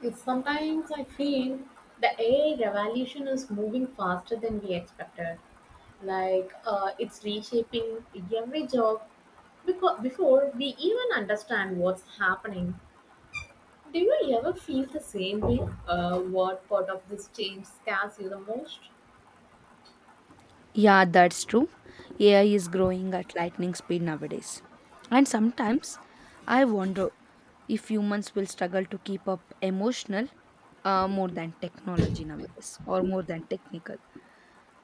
Yes, sometimes I feel the AI revolution is moving faster than we expected. Like it's reshaping every job because before we even understand what's happening. Do you ever feel the same way? What part of this change scares you the most? Yeah, that's true. AI is growing at lightning speed nowadays. And sometimes I wonder if humans will struggle to keep up emotional more than technology nowadays or more than technical.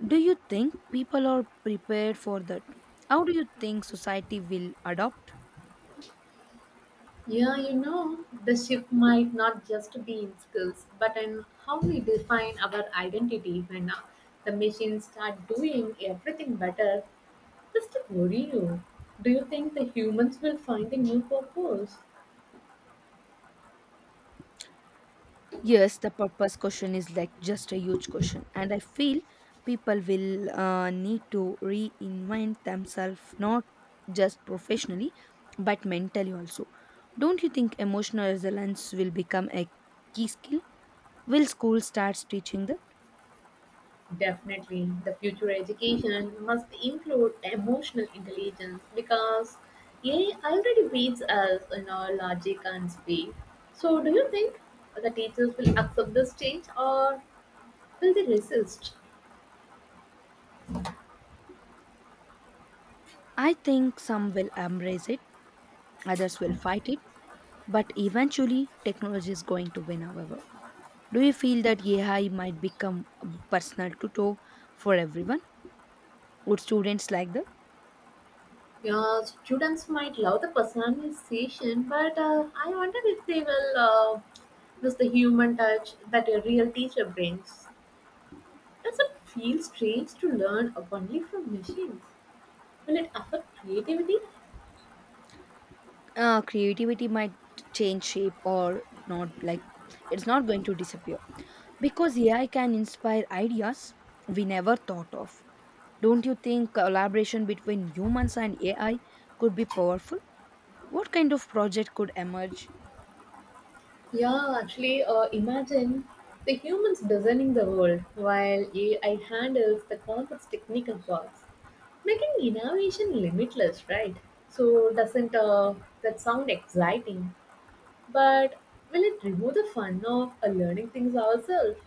Do you think people are prepared for that? How do you think society will adopt? Yeah, you know, the shift might not just be in skills, but in how we define our identity when the machines start doing everything better, Mr. Gurino. Do you think the humans will find a new purpose? Yes, the purpose question is like just a huge question, and I feel people will need to reinvent themselves not just professionally but mentally also. Don't you think emotional resilience will become a key skill? Will school starts teaching that? Definitely. The future education must include emotional intelligence because AI already beats us in our logic and speed. So, do you think the teachers will accept this change or will they resist? I think some will embrace it, others will fight it, but eventually technology is going to win, however. Do you feel that AI might become a personal tutor for everyone? Would students like that? Yeah, students might love the personalization, but I wonder if they will miss the human touch that a real teacher brings. Does it feel strange to learn only from machines? Will it affect creativity? Creativity might change shape or not like it's not going to disappear because ai can inspire ideas we never thought of. Don't you think collaboration between humans and ai could be powerful. What kind of project could emerge? Yeah, actually, imagine the humans designing the world while AI handles the complex technical parts, making innovation limitless, right? So, doesn't that sound exciting? But will it remove the fun of learning things ourselves?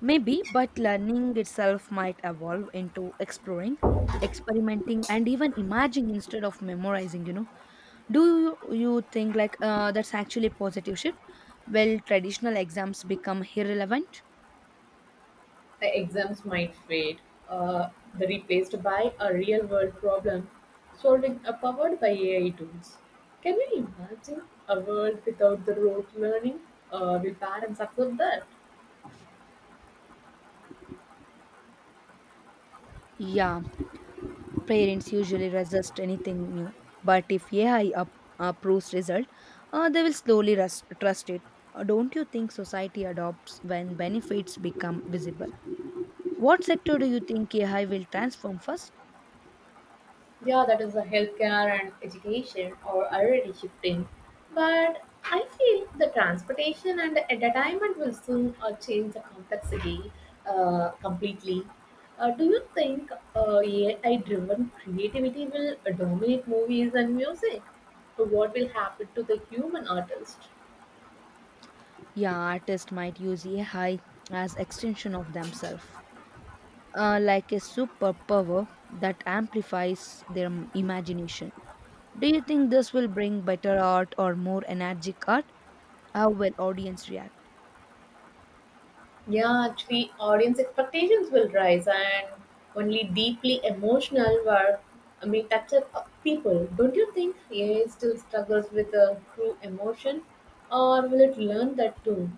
Maybe, but learning itself might evolve into exploring, experimenting, and even imagining instead of memorizing. Do you think that's actually a positive shift? Will traditional exams become irrelevant? The exams might fade, uh, replaced by a real world problem solving powered by AI tools. Can you imagine a world without the rote learning? Will parents accept that? Yeah, parents usually resist anything new, but if AI approves result, they will slowly trust it. Don't you think society adopts when benefits become visible? What sector do you think AI will transform first? Yeah, that is the healthcare and education are already shifting. But I feel the transportation and the entertainment will soon change the complexity completely. Do you think AI driven creativity will dominate movies and music? What will happen to the human artist? Yeah, artists might use AI as extension of themselves, like a superpower that amplifies imagination. Do you think this will bring better art or more energetic art? How will audience react? Yeah, actually, audience expectations will rise, and only deeply emotional were, I mean, touched up people. Don't you think AI still struggles with a true emotion, or will it learn that too?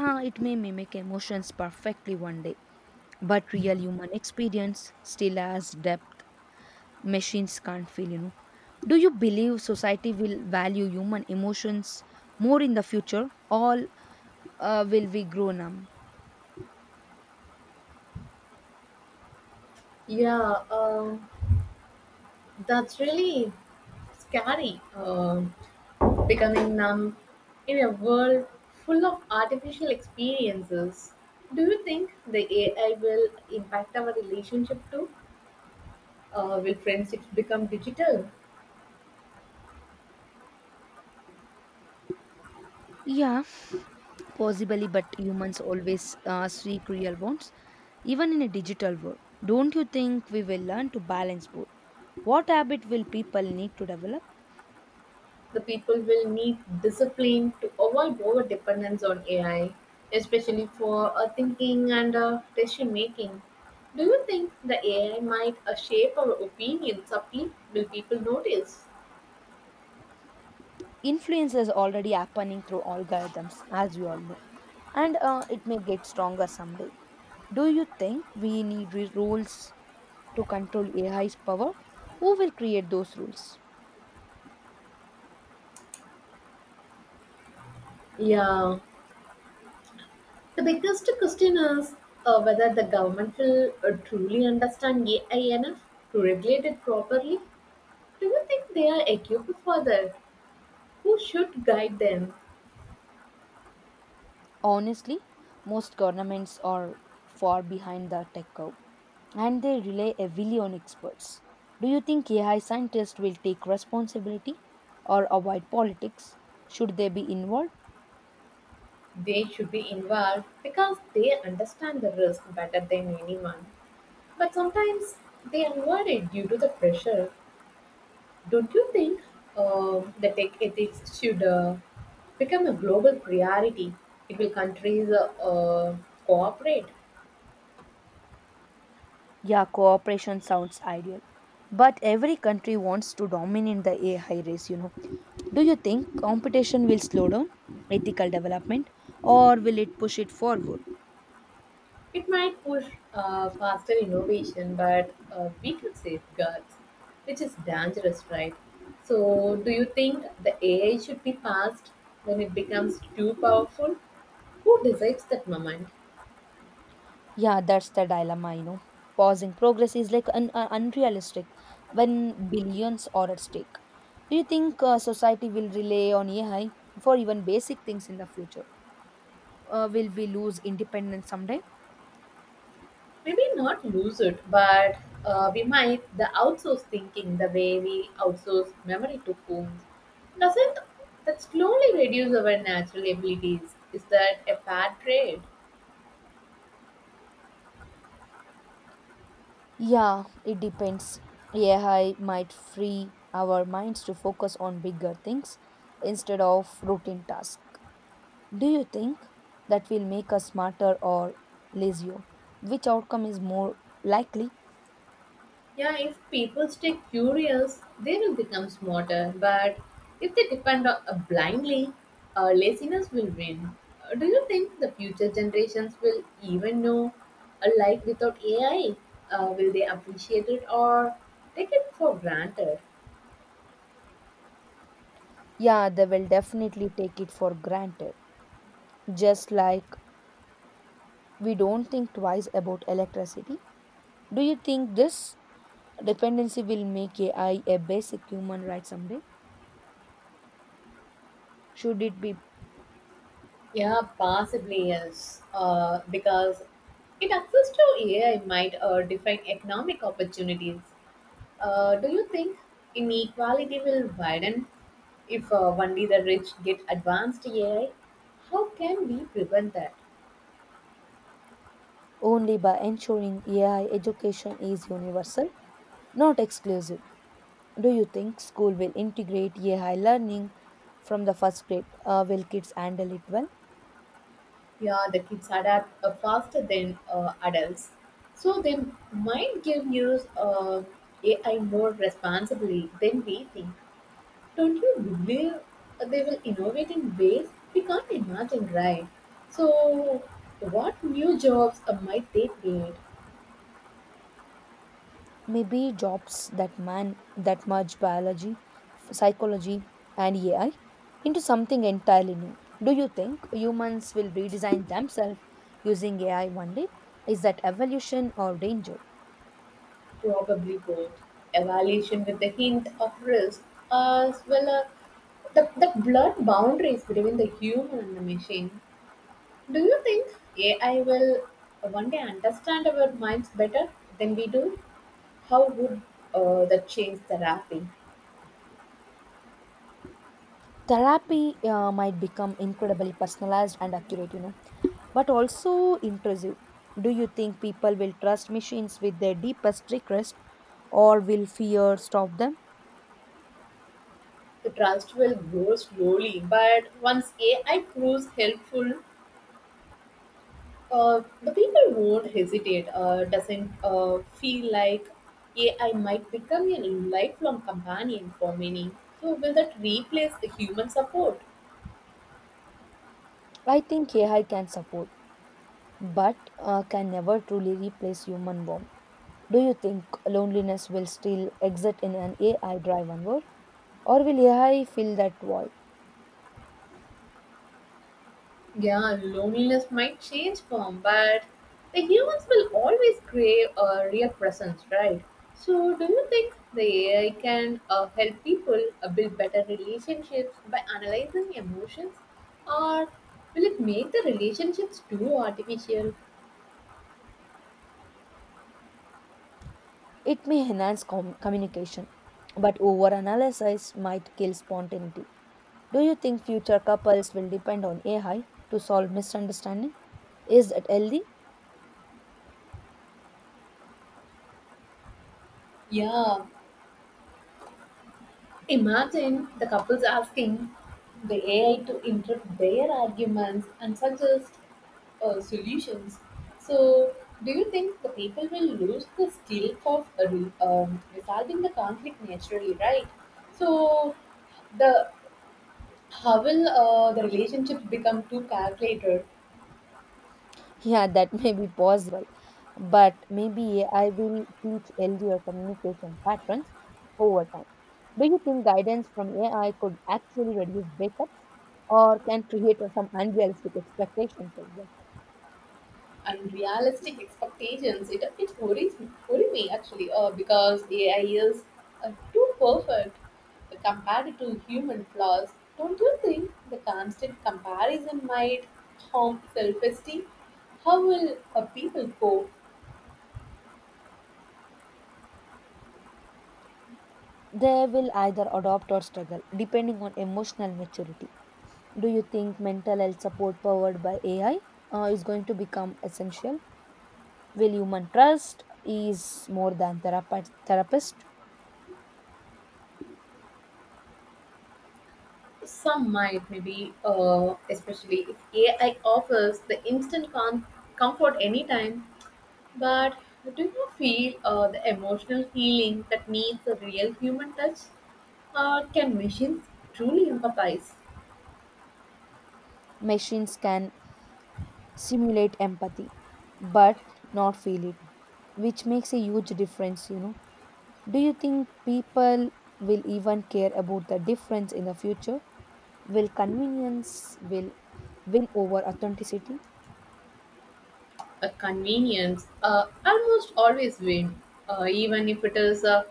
Ah, it may mimic emotions perfectly one day, but real human experience still has depth machines can't feel, you know. Do you believe society will value human emotions more in the future? All will we grow numb? Yeah, that's really scary. Becoming numb in a world full of artificial experiences. Do you think the AI will impact our relationship too? Will friendships become digital? Yeah, possibly, but humans always seek real bonds, even in a digital world. Don't you think we will learn to balance both? What habit will people need to develop? The people will need discipline to avoid over dependence on AI, especially for thinking and decision making. Do you think the AI might shape our opinion subtly? Will people notice? Influence is already happening through algorithms, as we all know, and it may get stronger someday. Do you think we need rules to control AI's power? Who will create those rules? Yeah, the biggest question is whether the government will truly understand AI enough to regulate it properly. Do you think they are equipped for that? Who should guide them? Honestly, most governments are far behind the tech curve and they rely heavily on experts. Do you think AI scientists will take responsibility or avoid politics? Should they be involved? They should be involved because they understand the risk better than anyone. But sometimes they avoid it due to the pressure. Don't you think the tech ethics should become a global priority? It will countries cooperate. Yeah, cooperation sounds ideal. But every country wants to dominate the AI race, you know. Do you think competition will slow down ethical development or will it push it forward? It might push faster innovation, but weaker safeguards, which is dangerous, right? So, do you think the AI should be passed when it becomes too powerful? Who decides that moment? Yeah, that's the dilemma, you know. Pausing progress is like unrealistic when billions are at stake. Do you think society will rely on AI for even basic things in the future? Will we lose independence someday? Maybe not lose it, but we might the outsource thinking the way we outsource memory to phones. Doesn't that slowly reduce our natural abilities? Is that a bad trade? Yeah, it depends. AI might free our minds to focus on bigger things instead of routine tasks. Do you think that will make us smarter or lazier? Which outcome is more likely? Yeah, if people stay curious, they will become smarter. But if they depend on blindly, laziness will win. Do you think the future generations will even know a life without AI? Will they appreciate it or take it for granted? Yeah, they will definitely take it for granted, just like we don't think twice about electricity. Do you think this dependency will make AI a basic human right someday? Should it be Yeah, possibly yes. Because it access to AI might define economic opportunities. Do you think inequality will widen if only the rich get advanced AI? How can we prevent that? only by ensuring AI education is universal, not exclusive. Do you think school will integrate AI learning from the first grade? Will kids handle it well? Yeah, the kids adapt faster than adults, so they might give use AI more responsibly than we think. Don't you believe they will innovate in ways we can't imagine, right? So, what new jobs might they create? Maybe jobs that merge biology, psychology, and AI into something entirely new. Do you think humans will redesign themselves using AI one day? Is that evolution or danger? Probably both. Evaluation with the hint of risk, as well as the blurred boundaries between the human and the machine. Do you think AI will one day understand our minds better than we do? How would that change therapy? Therapy might become incredibly personalized and accurate, you know. But also intrusive. Do you think people will trust machines with their deepest request or will fear stop them? The trust will grow slowly, but once AI proves helpful, the people won't hesitate. Doesn't feel like AI might become a lifelong companion for many. So will that replace the human support? I think AI can support, but can never truly replace human warmth. Do you think loneliness will still exist in an AI driven world, or will AI fill that void? Yeah, loneliness might change form, but the humans will always crave a real presence, right? So do you think the AI can help people build better relationships by analyzing emotions, or will it make the relationships too artificial? It may enhance communication, but over analysis might kill spontaneity. Do you think future couples will depend on AI to solve misunderstanding? Is it healthy? Yeah, imagine the couples asking the AI to interrupt their arguments and suggest solutions. So, do you think the people will lose the skill of resolving the conflict naturally, right? So, the how will the relationship become too calculated? Yeah, that may be possible, but maybe I will teach LDR communication patterns over time. Do you think guidance from AI could actually reduce breakups or can create some unrealistic expectations as well? Unrealistic expectations. It worries me, actually, because AI is too perfect compared to human flaws. Don't you think the constant comparison might harm self-esteem? How will people cope? They will either adopt or struggle, depending on emotional maturity. Do you think mental health support powered by AI is going to become essential? Will human trust is more than therapist? Some might, maybe, especially if AI offers the instant comfort anytime. But do you feel the emotional healing that needs a real human touch? Can machines truly empathize? Machines can simulate empathy, but not feel it, which makes a huge difference. You know, do you think people will even care about the difference in the future? Will convenience will win over authenticity? A convenience almost always win, even if it is a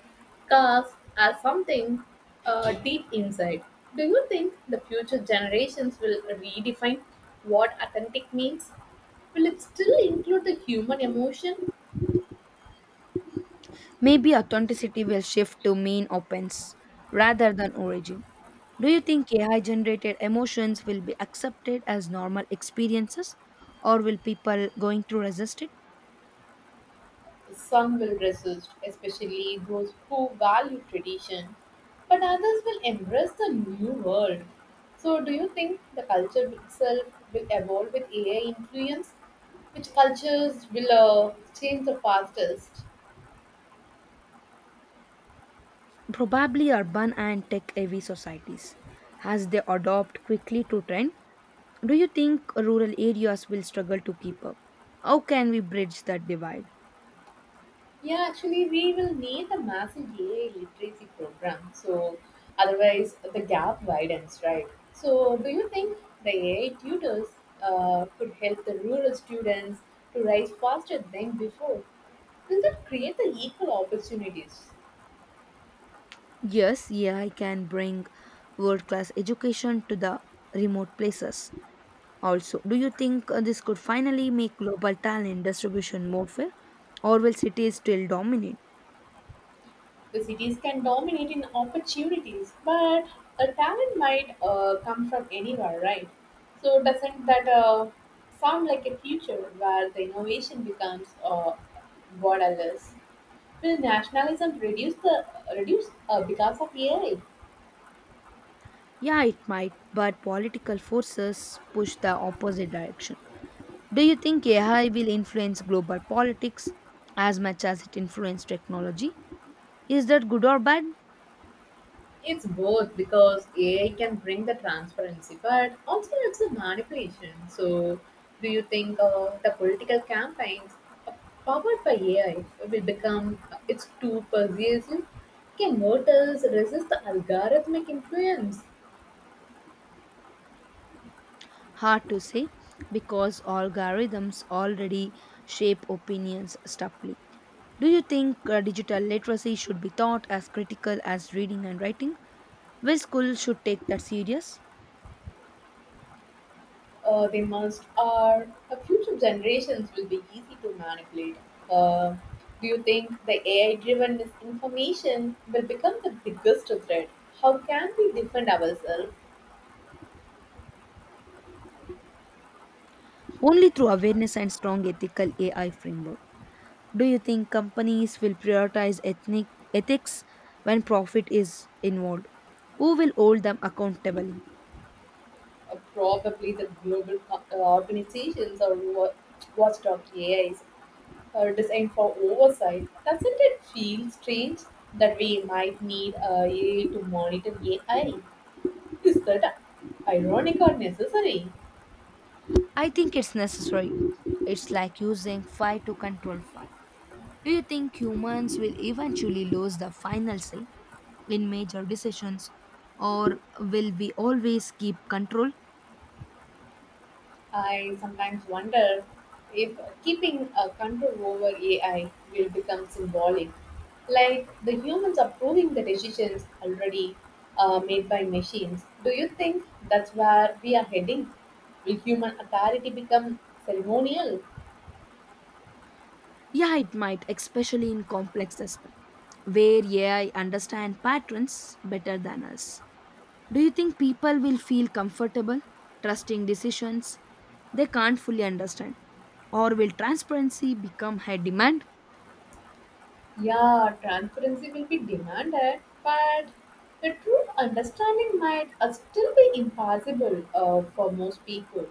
cast as something deep inside. Do you think the future generations will redefine what authentic means? Will it still include the human emotion? Maybe authenticity will shift to mean offense rather than origin. Do you think AI generated emotions will be accepted as normal experiences or will people going to resist it? Some will resist, especially those who value tradition, but others will embrace the new world. So, do you think the culture itself will evolve with AI influence? Which cultures will change the fastest? Probably urban and tech heavy societies as they adopt quickly to trend. Do you think rural areas will struggle to keep up? How can we bridge that divide? Yeah, actually, we will need a massive AI literacy program. So, otherwise, the gap widens, right? So, do you think the AI tutors could help the rural students to rise faster than before? Will that create the equal opportunities? Yes, AI can bring world class education to the remote places. Also, do you think this could finally make global talent distribution more fair, or will cities still dominate? The cities can dominate in opportunities, but a talent might come from anywhere, right? So, doesn't that sound like a future where the innovation becomes borderless? Will nationalism reduce because of AI? Yeah, it might, but political forces push the opposite direction. Do you think AI will influence global politics as much as it influenced technology? Is that good or bad? It's both because AI can bring the transparency, but also it's a manipulation. So, do you think the political campaigns uh, powered by AI will become it's too persuasive? Can voters resist the algorithmic influence? Hard to say because algorithms already shape opinions stubbornly. Do you think digital literacy should be taught as critical as reading and writing? Where schools should take that serious? They must are future generations will be easy to manipulate. Uh, do you think the AI driven misinformation will become the biggest threat? How can we defend ourselves? Only through awareness and strong ethical AI framework. Do you think companies will prioritize ethnic ethics when profit is involved? Who will hold them accountable? Probably the global organizations or watchdog AIs are designed for oversight. Doesn't it feel strange that we might need AI to monitor AI? Is that ironic or necessary? I think it's necessary. It's like using fire to control fire. Do you think humans will eventually lose the final say in major decisions or will we always keep control? I sometimes wonder if keeping a control over AI will become symbolic, like the humans approving the decisions already made by machines. Do you think that's where we are heading? Will human authority become ceremonial? Yeah, it might, especially in complex systems where AI understand patterns better than us. Do you think people will feel comfortable trusting decisions they can't fully understand? Or will transparency become high demand? Yeah, transparency will be demanded, but the true understanding might still be impossible for most people.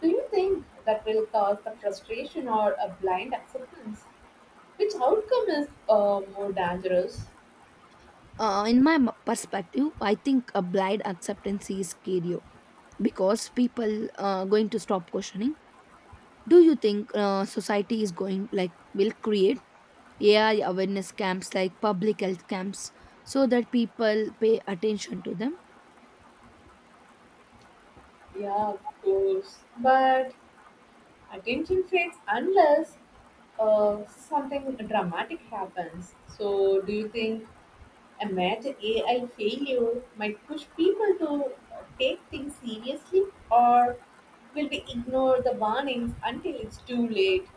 Do you think that will cause the frustration or a blind acceptance? Which outcome is more dangerous? In my perspective, I think a blind acceptance is scarier because people are going to stop questioning. Do you think society is going like will create AI awareness camps like public health camps so that people pay attention to them. Yeah, of course. But attention fades unless something dramatic happens. So, do you think a major AI failure might push people to take things seriously, or will we ignore the warnings until it's too late?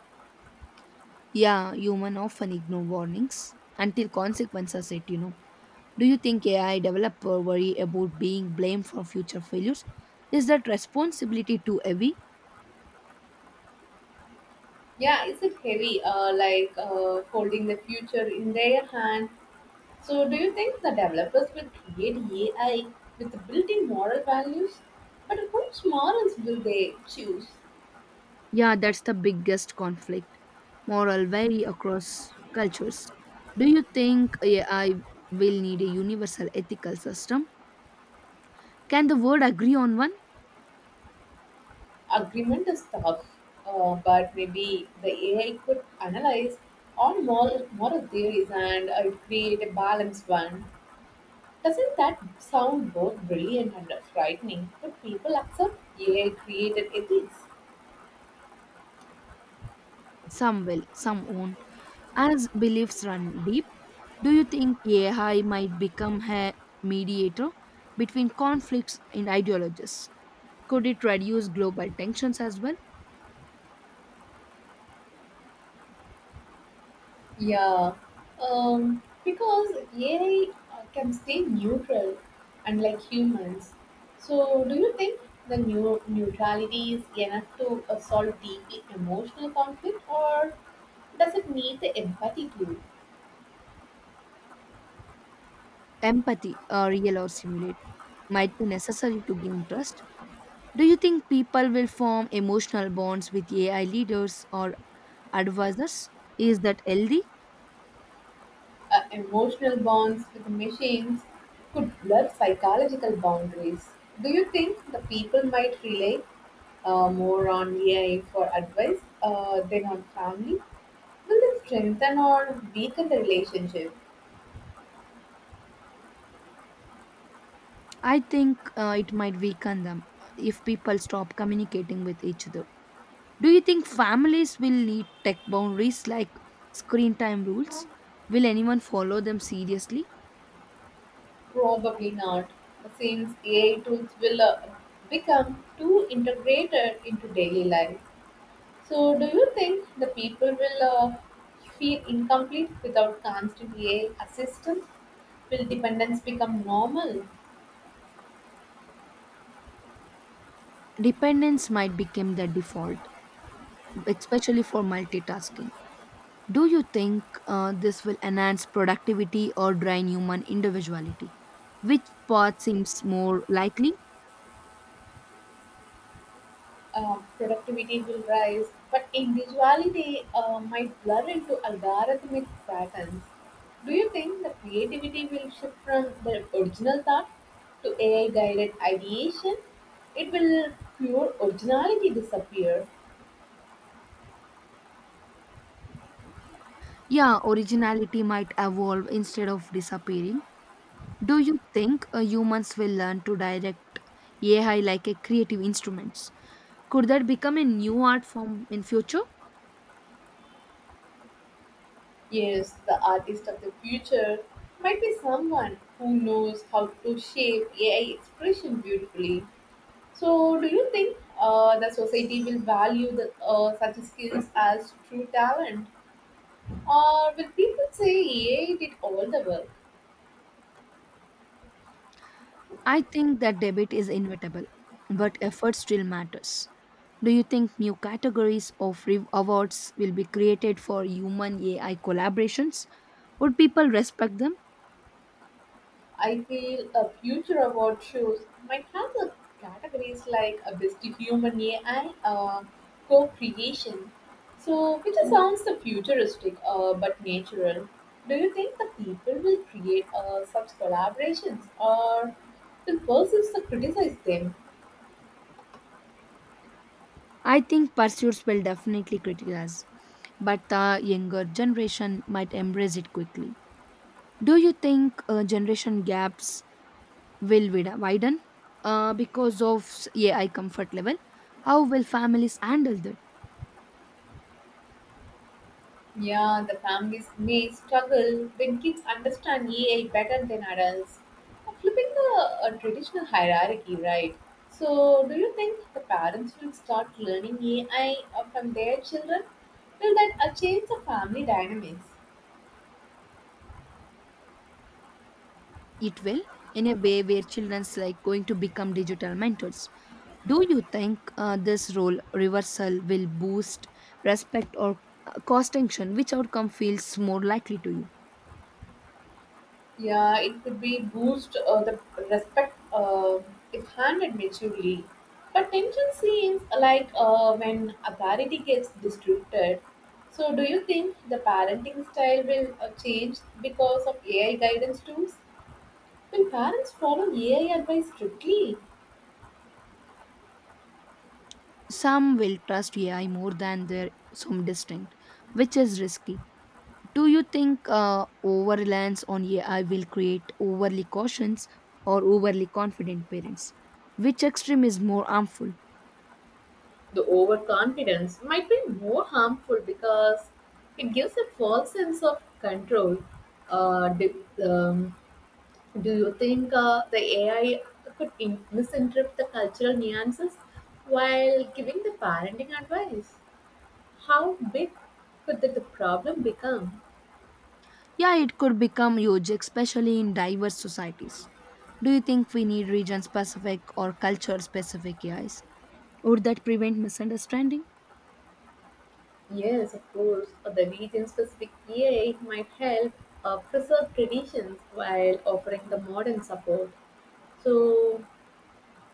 Yeah, human often ignore warnings until consequences are set, you know. Do you think AI developer worry about being blamed for future failures? Is that responsibility too heavy? Yeah, is it heavy, like holding the future in their hand? So, do you think the developers will create AI with built in moral values? But which morals will they choose? Yeah, that's the biggest conflict. Moral vary across cultures. Do you think AI will need a universal ethical system? Can the world agree on one? Agreement is tough, but maybe the AI could analyze all moral theories and create a balanced one. Doesn't that sound both brilliant and frightening? Would people accept AI created ethics? Some will, some won't. As beliefs run deep, do you think AI might become a mediator between conflicts and ideologies? Could it reduce global tensions as well? Yeah, because AI can stay neutral, unlike humans. So, do you think the new neutrality is enough to solve deeply emotional conflict, or does it need the empathy glue? Empathy, real or simulate, might be necessary to gain trust. Do you think people will form emotional bonds with AI leaders or advisors? Is that healthy? Emotional bonds with machines could blur psychological boundaries. Do you think the people might rely more on AI for advice than on family? Will it strengthen or weaken the relationship? I think it might weaken them if people stop communicating with each other. Do you think families will need tech boundaries like screen time rules? Will anyone follow them seriously? Probably not, since AI tools will become too integrated into daily life. So, do you think the people will feel incomplete without constant AI assistance? Will dependence become normal? Dependence might become the default, especially for multitasking. Do you think this will enhance productivity or drain human individuality? Which path seems more likely? Productivity will rise, but individuality might blur into algorithmic patterns. Do you think the creativity will shift from the original thought to AI guided ideation? It will pure originality disappear. Yeah, originality might evolve instead of disappearing. Do you think humans will learn to direct AI like a creative instrument? Could that become a new art form in future? Yes, the artist of the future might be someone who knows how to shape AI expression beautifully. So, do you think the society will value the, such skills as true talent, or will people say AI did all the work? I think that debate is inevitable, but effort still matters. Do you think new categories of awards will be created for human AI collaborations? Would people respect them? I feel a future award shows might have the categories like a best human AI co-creation. So, which sounds the futuristic but natural. Do you think the people will create such collaborations or will perceive to criticize them? I think pursuits will definitely criticize, but the younger generation might embrace it quickly. Do you think generation gaps will widen because of AI comfort level? How will families handle that? Yeah, the families may struggle when kids understand AI better than adults. Flipping the traditional hierarchy, right? So, do you think the parents will start learning AI from their children? Will that change the family dynamics? It will, in a way where children's like going to become digital mentors. Do you think this role reversal will boost respect or cause tension? Which outcome feels more likely to you? Yeah, it could be boost the respect if handled maturely. But tension seems like when authority gets disrupted. So, do you think the parenting style will change because of AI guidance tools? Will parents follow AI advice strictly? Some will trust ai more than their some distinct, which is risky. Do you think over reliance on ai will create overly cautious or overly confident parents? Which extreme is more harmful? The overconfidence might be more harmful because it gives a false sense of control. Uh, di- um, Do you think the AI could misinterpret the cultural nuances while giving the parenting advice? How big could the problem become? Yeah, it could become huge, especially in diverse societies. Do you think we need region specific or culture specific AIs? Would that prevent misunderstanding? Yes, of course, the region specific AI might help preserve traditions while offering the modern support. So,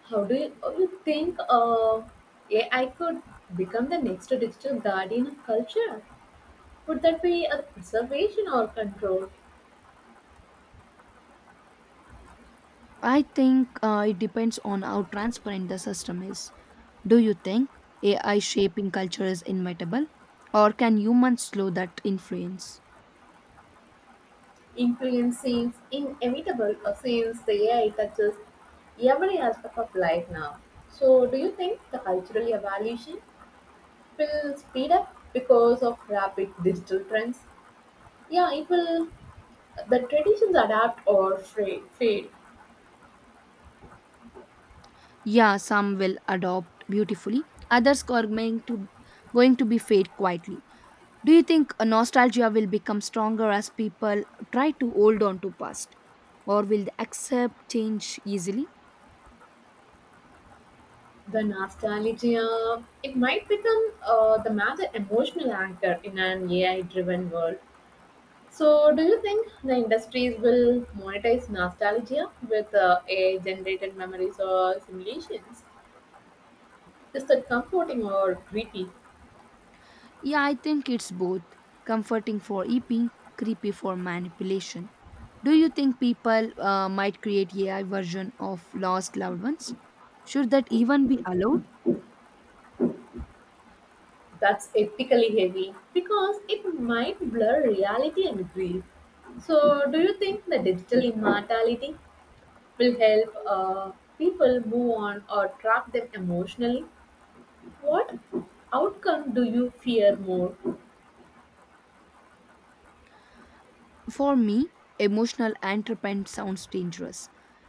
how do you think AI could become the next digital guardian of culture? Would that be a preservation or control? I think it depends on how transparent the system is. Do you think AI shaping culture is inevitable, or can humans slow that influence? Influence seems inevitable since the AI touches every aspect of life now. So, do you think the cultural evolution will speed up because of rapid digital trends? Yeah, it will. The traditions adapt or fade. Yeah, some will adopt beautifully, others are going to be fade quietly. Do you think nostalgia will become stronger as people try to hold on to past, or will they accept change easily? The nostalgia, it might become the major emotional anchor in an AI-driven world. So, do you think the industries will monetize nostalgia with AI generated memories or simulations? Is that comforting or creepy? Yeah, I think it's both comforting for eeping, creepy for manipulation. Do you think people might create AI version of lost loved ones? Should that even be allowed? That's ethically heavy because it might blur reality and grief. So, do you think the digital immortality will help people move on or trap them emotionally? What outcome do you fear more? For me, emotional entrepreneur sounds dangerous,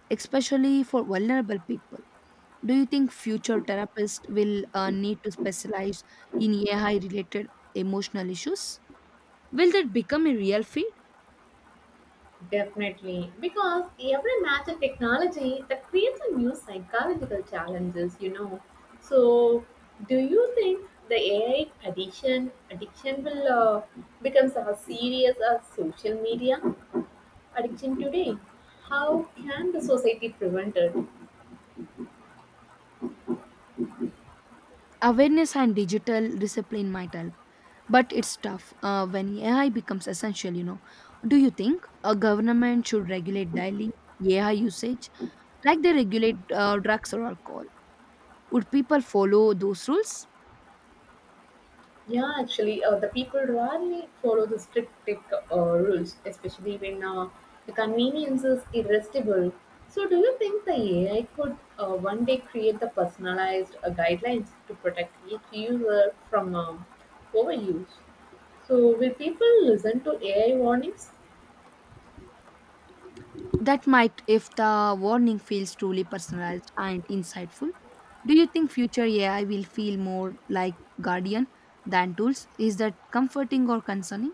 especially for vulnerable people. Do you think future therapists will need to specialize in AI related emotional issues? Will that become a real field? Definitely, because every match and technology that creates a new psychological challenges, you know. So, do you think the AI addiction will becomes as serious as social media addiction today? How can the society prevent it? Awareness and digital discipline might help, but it's tough when AI becomes essential, you know. Do you think a government should regulate daily AI usage like they regulate drugs or alcohol? Would people follow those rules? Yeah, actually, the people rarely follow the strict tech rules, especially when the convenience is irresistible. So, do you think the AI could one day create the personalized guidelines to protect each user from overuse? So, will people listen to AI warnings? That might if the warning feels truly personalized and insightful. Do you think future AI will feel more like guardian than tools? Is that comforting or concerning?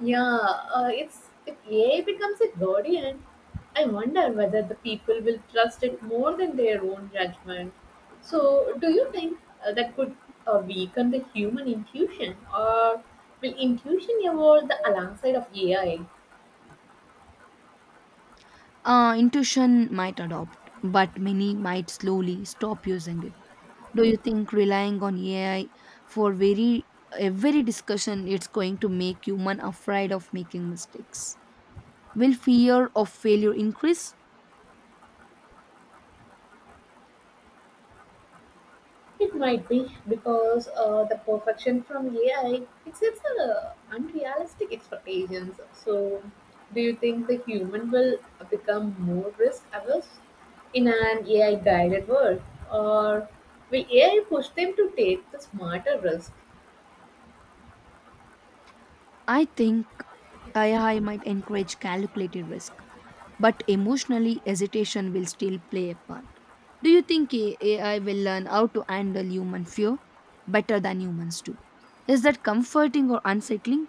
Yeah, it's if AI becomes a guardian, I wonder whether the people will trust it more than their own judgment. So, do you think that could weaken the human intuition, or will intuition evolve the alongside of AI? Intuition might adopt, but many might slowly stop using it. Do you think relying on AI for very every discussion it's going to make human afraid of making mistakes? Will fear of failure increase? It might be because the perfection from AI it sets unrealistic expectations. So, do you think the human will become more risk averse in an AI guided world, or will AI push them to take the smarter risk? I think AI might encourage calculated risk, but emotionally hesitation will still play a part. Do you think AI will learn how to handle human fear better than humans do? Is that comforting or unsettling?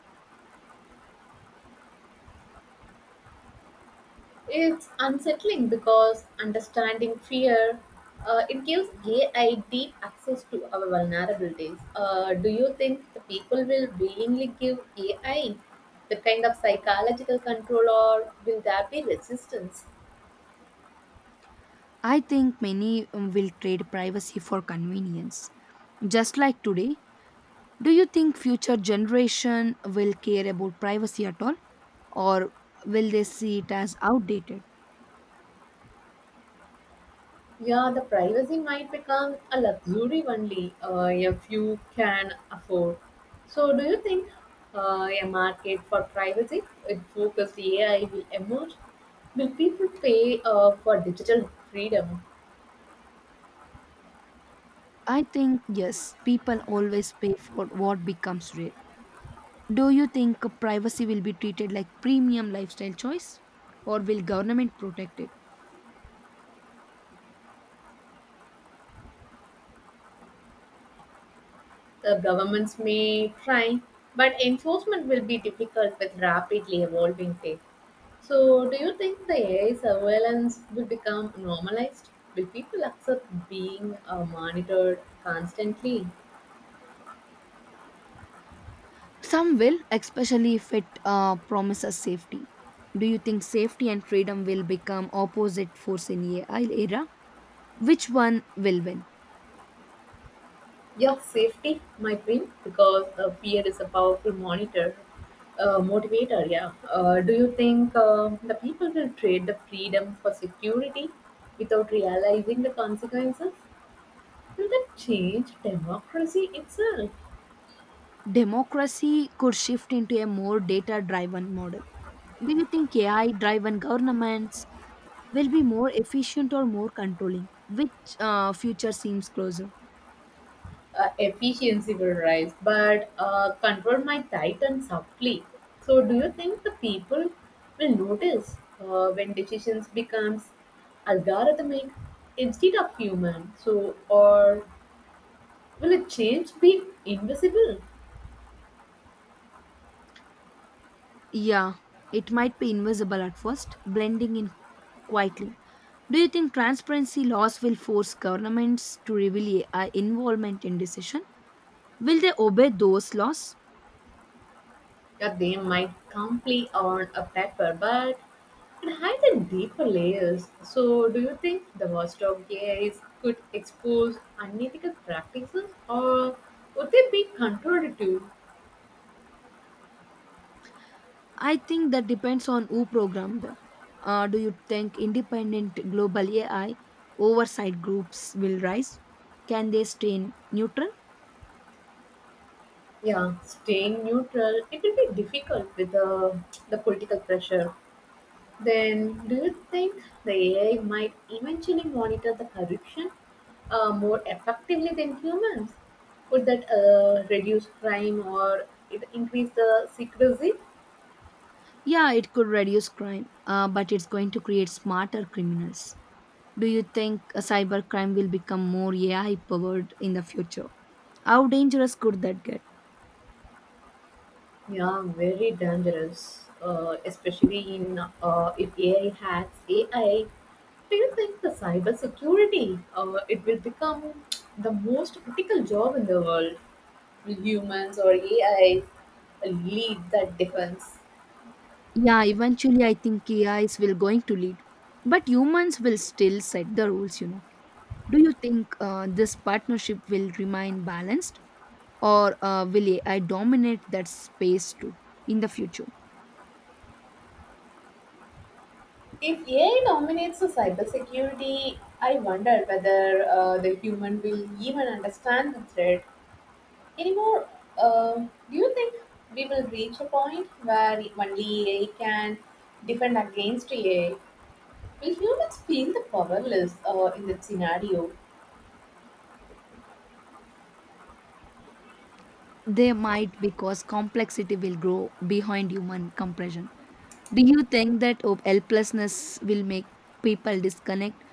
It's unsettling because understanding fear, it gives AI deep access to our vulnerabilities. Do you think the people will willingly give AI the kind of psychological control, or will there be resistance? I think many will trade privacy for convenience. Just like today, do you think future generation will care about privacy at all or will they see it as outdated? Yeah, the privacy might become a luxury only if you can afford. So, do you think a market for privacy with focused AI will emerge? Will people pay for digital freedom? I think yes, people always pay for what becomes rare. Do you think privacy will be treated like premium lifestyle choice or will government protect it? The governments may try, but enforcement will be difficult with rapidly evolving tech. So, do you think the AI surveillance will become normalized? Will people accept being monitored constantly? Some will, especially if it promises safety. Do you think safety and freedom will become opposite force in AI era? Which one will win? Yeah, safety, my dream, because fear is a powerful motivator. Yeah. Do you think the people will trade the freedom for security without realizing the consequences? Will that change democracy itself? Democracy could shift into a more data driven model. Do you think AI driven governments will be more efficient or more controlling? Which future seems closer? Efficiency will rise, but control might tighten subtly. So, do you think the people will notice when decisions becomes algorithmic instead of human? Or will a change be invisible? Yeah, it might be invisible at first, blending in quietly. Do you think transparency laws will force governments to reveal AI involvement in decision? Will they obey those laws? Yeah, they might come on a paper, but it hides in deeper layers. So, do you think the worst of AIs could expose unethical practices, or would they be controlled too? I think that depends on who programmed them. Do you think independent global AI oversight groups will rise? Can they stay neutral? Yeah, staying neutral it will be difficult with the political pressure. Then, do you think the AI might eventually monitor the corruption more effectively than humans? Could that reduce crime or it increase the secrecy? Yeah, it could reduce crime, but it's going to create smarter criminals. Do you think cybercrime will become more AI powered in the future? How dangerous could that get? Yeah, very dangerous, especially in if AI hacks AI. Do you think the cybersecurity it will become the most critical job in the world? Will humans or AI lead that defense? Yeah, eventually I think A is will going to lead, but humans will still set the rules, you know. Do you think this partnership will remain balanced, or will AI dominate that space too in the future? If AI dominates the cybersecurity, I wonder whether the human will even understand the threat anymore. Do you think we will reach a point where only AI can defend against AI? Will humans feel the powerless in that scenario? They might because complexity will grow behind human compression. Do you think that helplessness will make people disconnect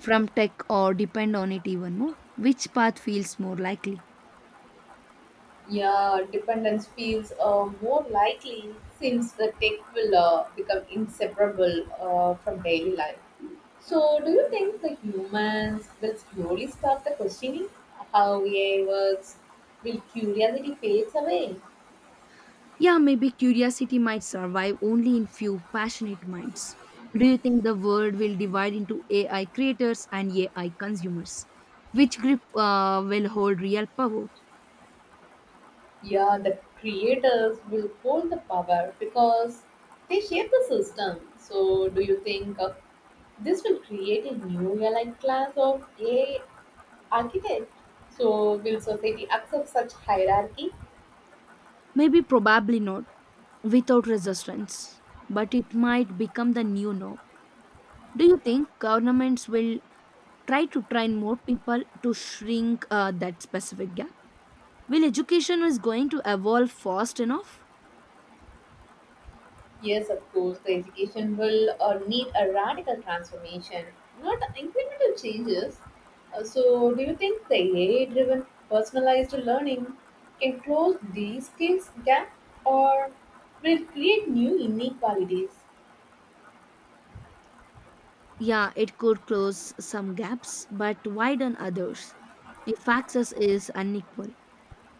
from tech or depend on it even more? Which path feels more likely? Yeah, dependence feels more likely since the tech will become inseparable from daily life. So, do you think the humans will slowly stop the questioning how AI works? Will curiosity fades away? Yeah, maybe curiosity might survive only in few passionate minds. Do you think the world will divide into AI creators and AI consumers? Which group will hold real power? Yeah, the creators will hold the power because they shape the system. So, do you think this will create a new aligned class of AI architect? So, will society accept such hierarchy? Maybe, probably not, without resistance, but it might become the new norm. Do you think governments will try to train more people to shrink that specific gap? Will education is going to evolve fast enough? Yes, of course, the education will need a radical transformation, not incremental changes. So, do you think the AI driven personalized learning can close these skills gap or will it create new inequalities? Yeah, it could close some gaps, but widen others if access is unequal.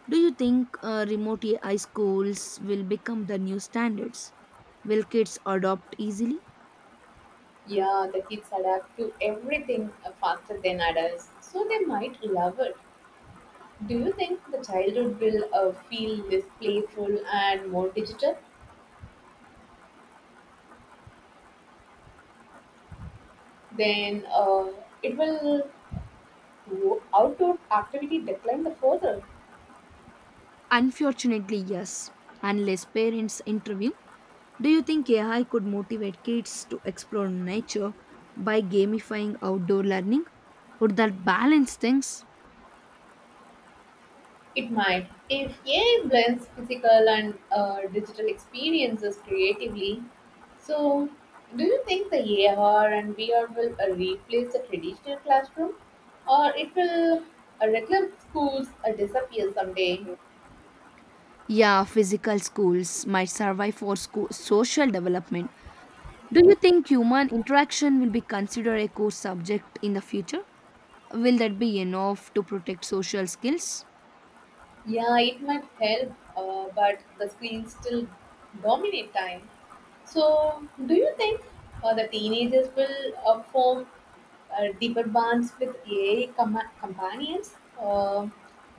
Do you think remote AI schools will become the new standards? Will kids adopt easily? Yeah, the kids adapt to everything faster than adults, so they might love it. Do you think the childhood will feel less playful and more digital? Then it will do outdoor activity decline the further. Unfortunately, yes. Unless parents intervene, do you think AI could motivate kids to explore nature by gamifying outdoor learning? Would that balance things? It might, if AI blends physical and digital experiences creatively. So, do you think the AR and VR will replace the traditional classroom, or it will regular schools disappear someday? Yeah, physical schools might survive for social development. Do you think human interaction will be considered a core subject in the future? Will that be enough to protect social skills? Yeah, it might help, but the screens still dominate time. So, do you think the teenagers will form deeper bonds with AI companions uh,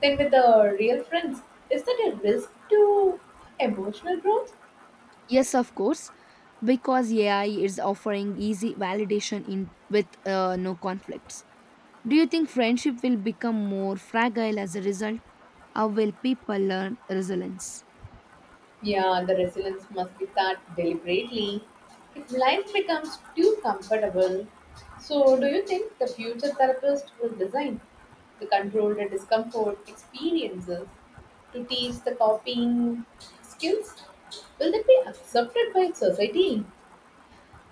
than with the real friends? Is that a risk to emotional growth? Yes, of course, because AI is offering easy validation in with no conflicts. Do you think friendship will become more fragile as a result? How will people learn resilience? Yeah, the resilience must be taught deliberately. If life becomes too comfortable, so do you think the future therapist will design the controlled discomfort experiences to teach the copying skills? Will that be accepted by society?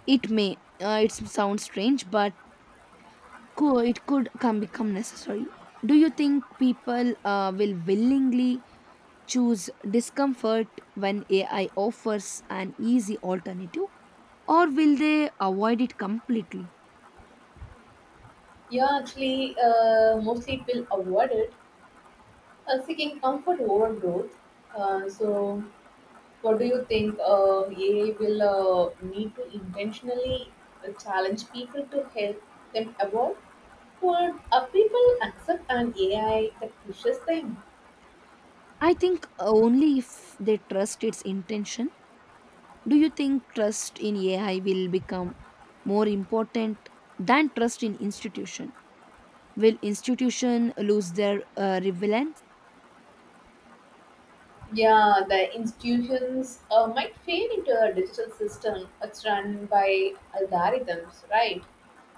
It may. It sounds strange, but it could come become necessary. Do you think people will willingly choose discomfort when AI offers an easy alternative, or will they avoid it completely? Yeah, actually, mostly it will avoid it, seeking comfort over growth. So, what do you think? AI will need to intentionally challenge people to help them evolve, or are people accept an AI that pushes them? I think only if they trust its intention. Do you think trust in AI will become more important than trust in institution? Will institution lose their relevance? Yeah, the institutions might fade into a digital system that's run by algorithms, right?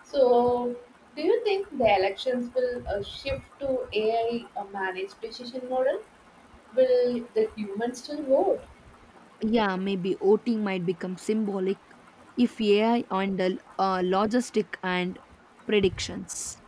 So, do you think the elections will shift to AI managed decision model? Will the humans still vote? Yeah, maybe voting might become symbolic if AI handle logistic and predictions.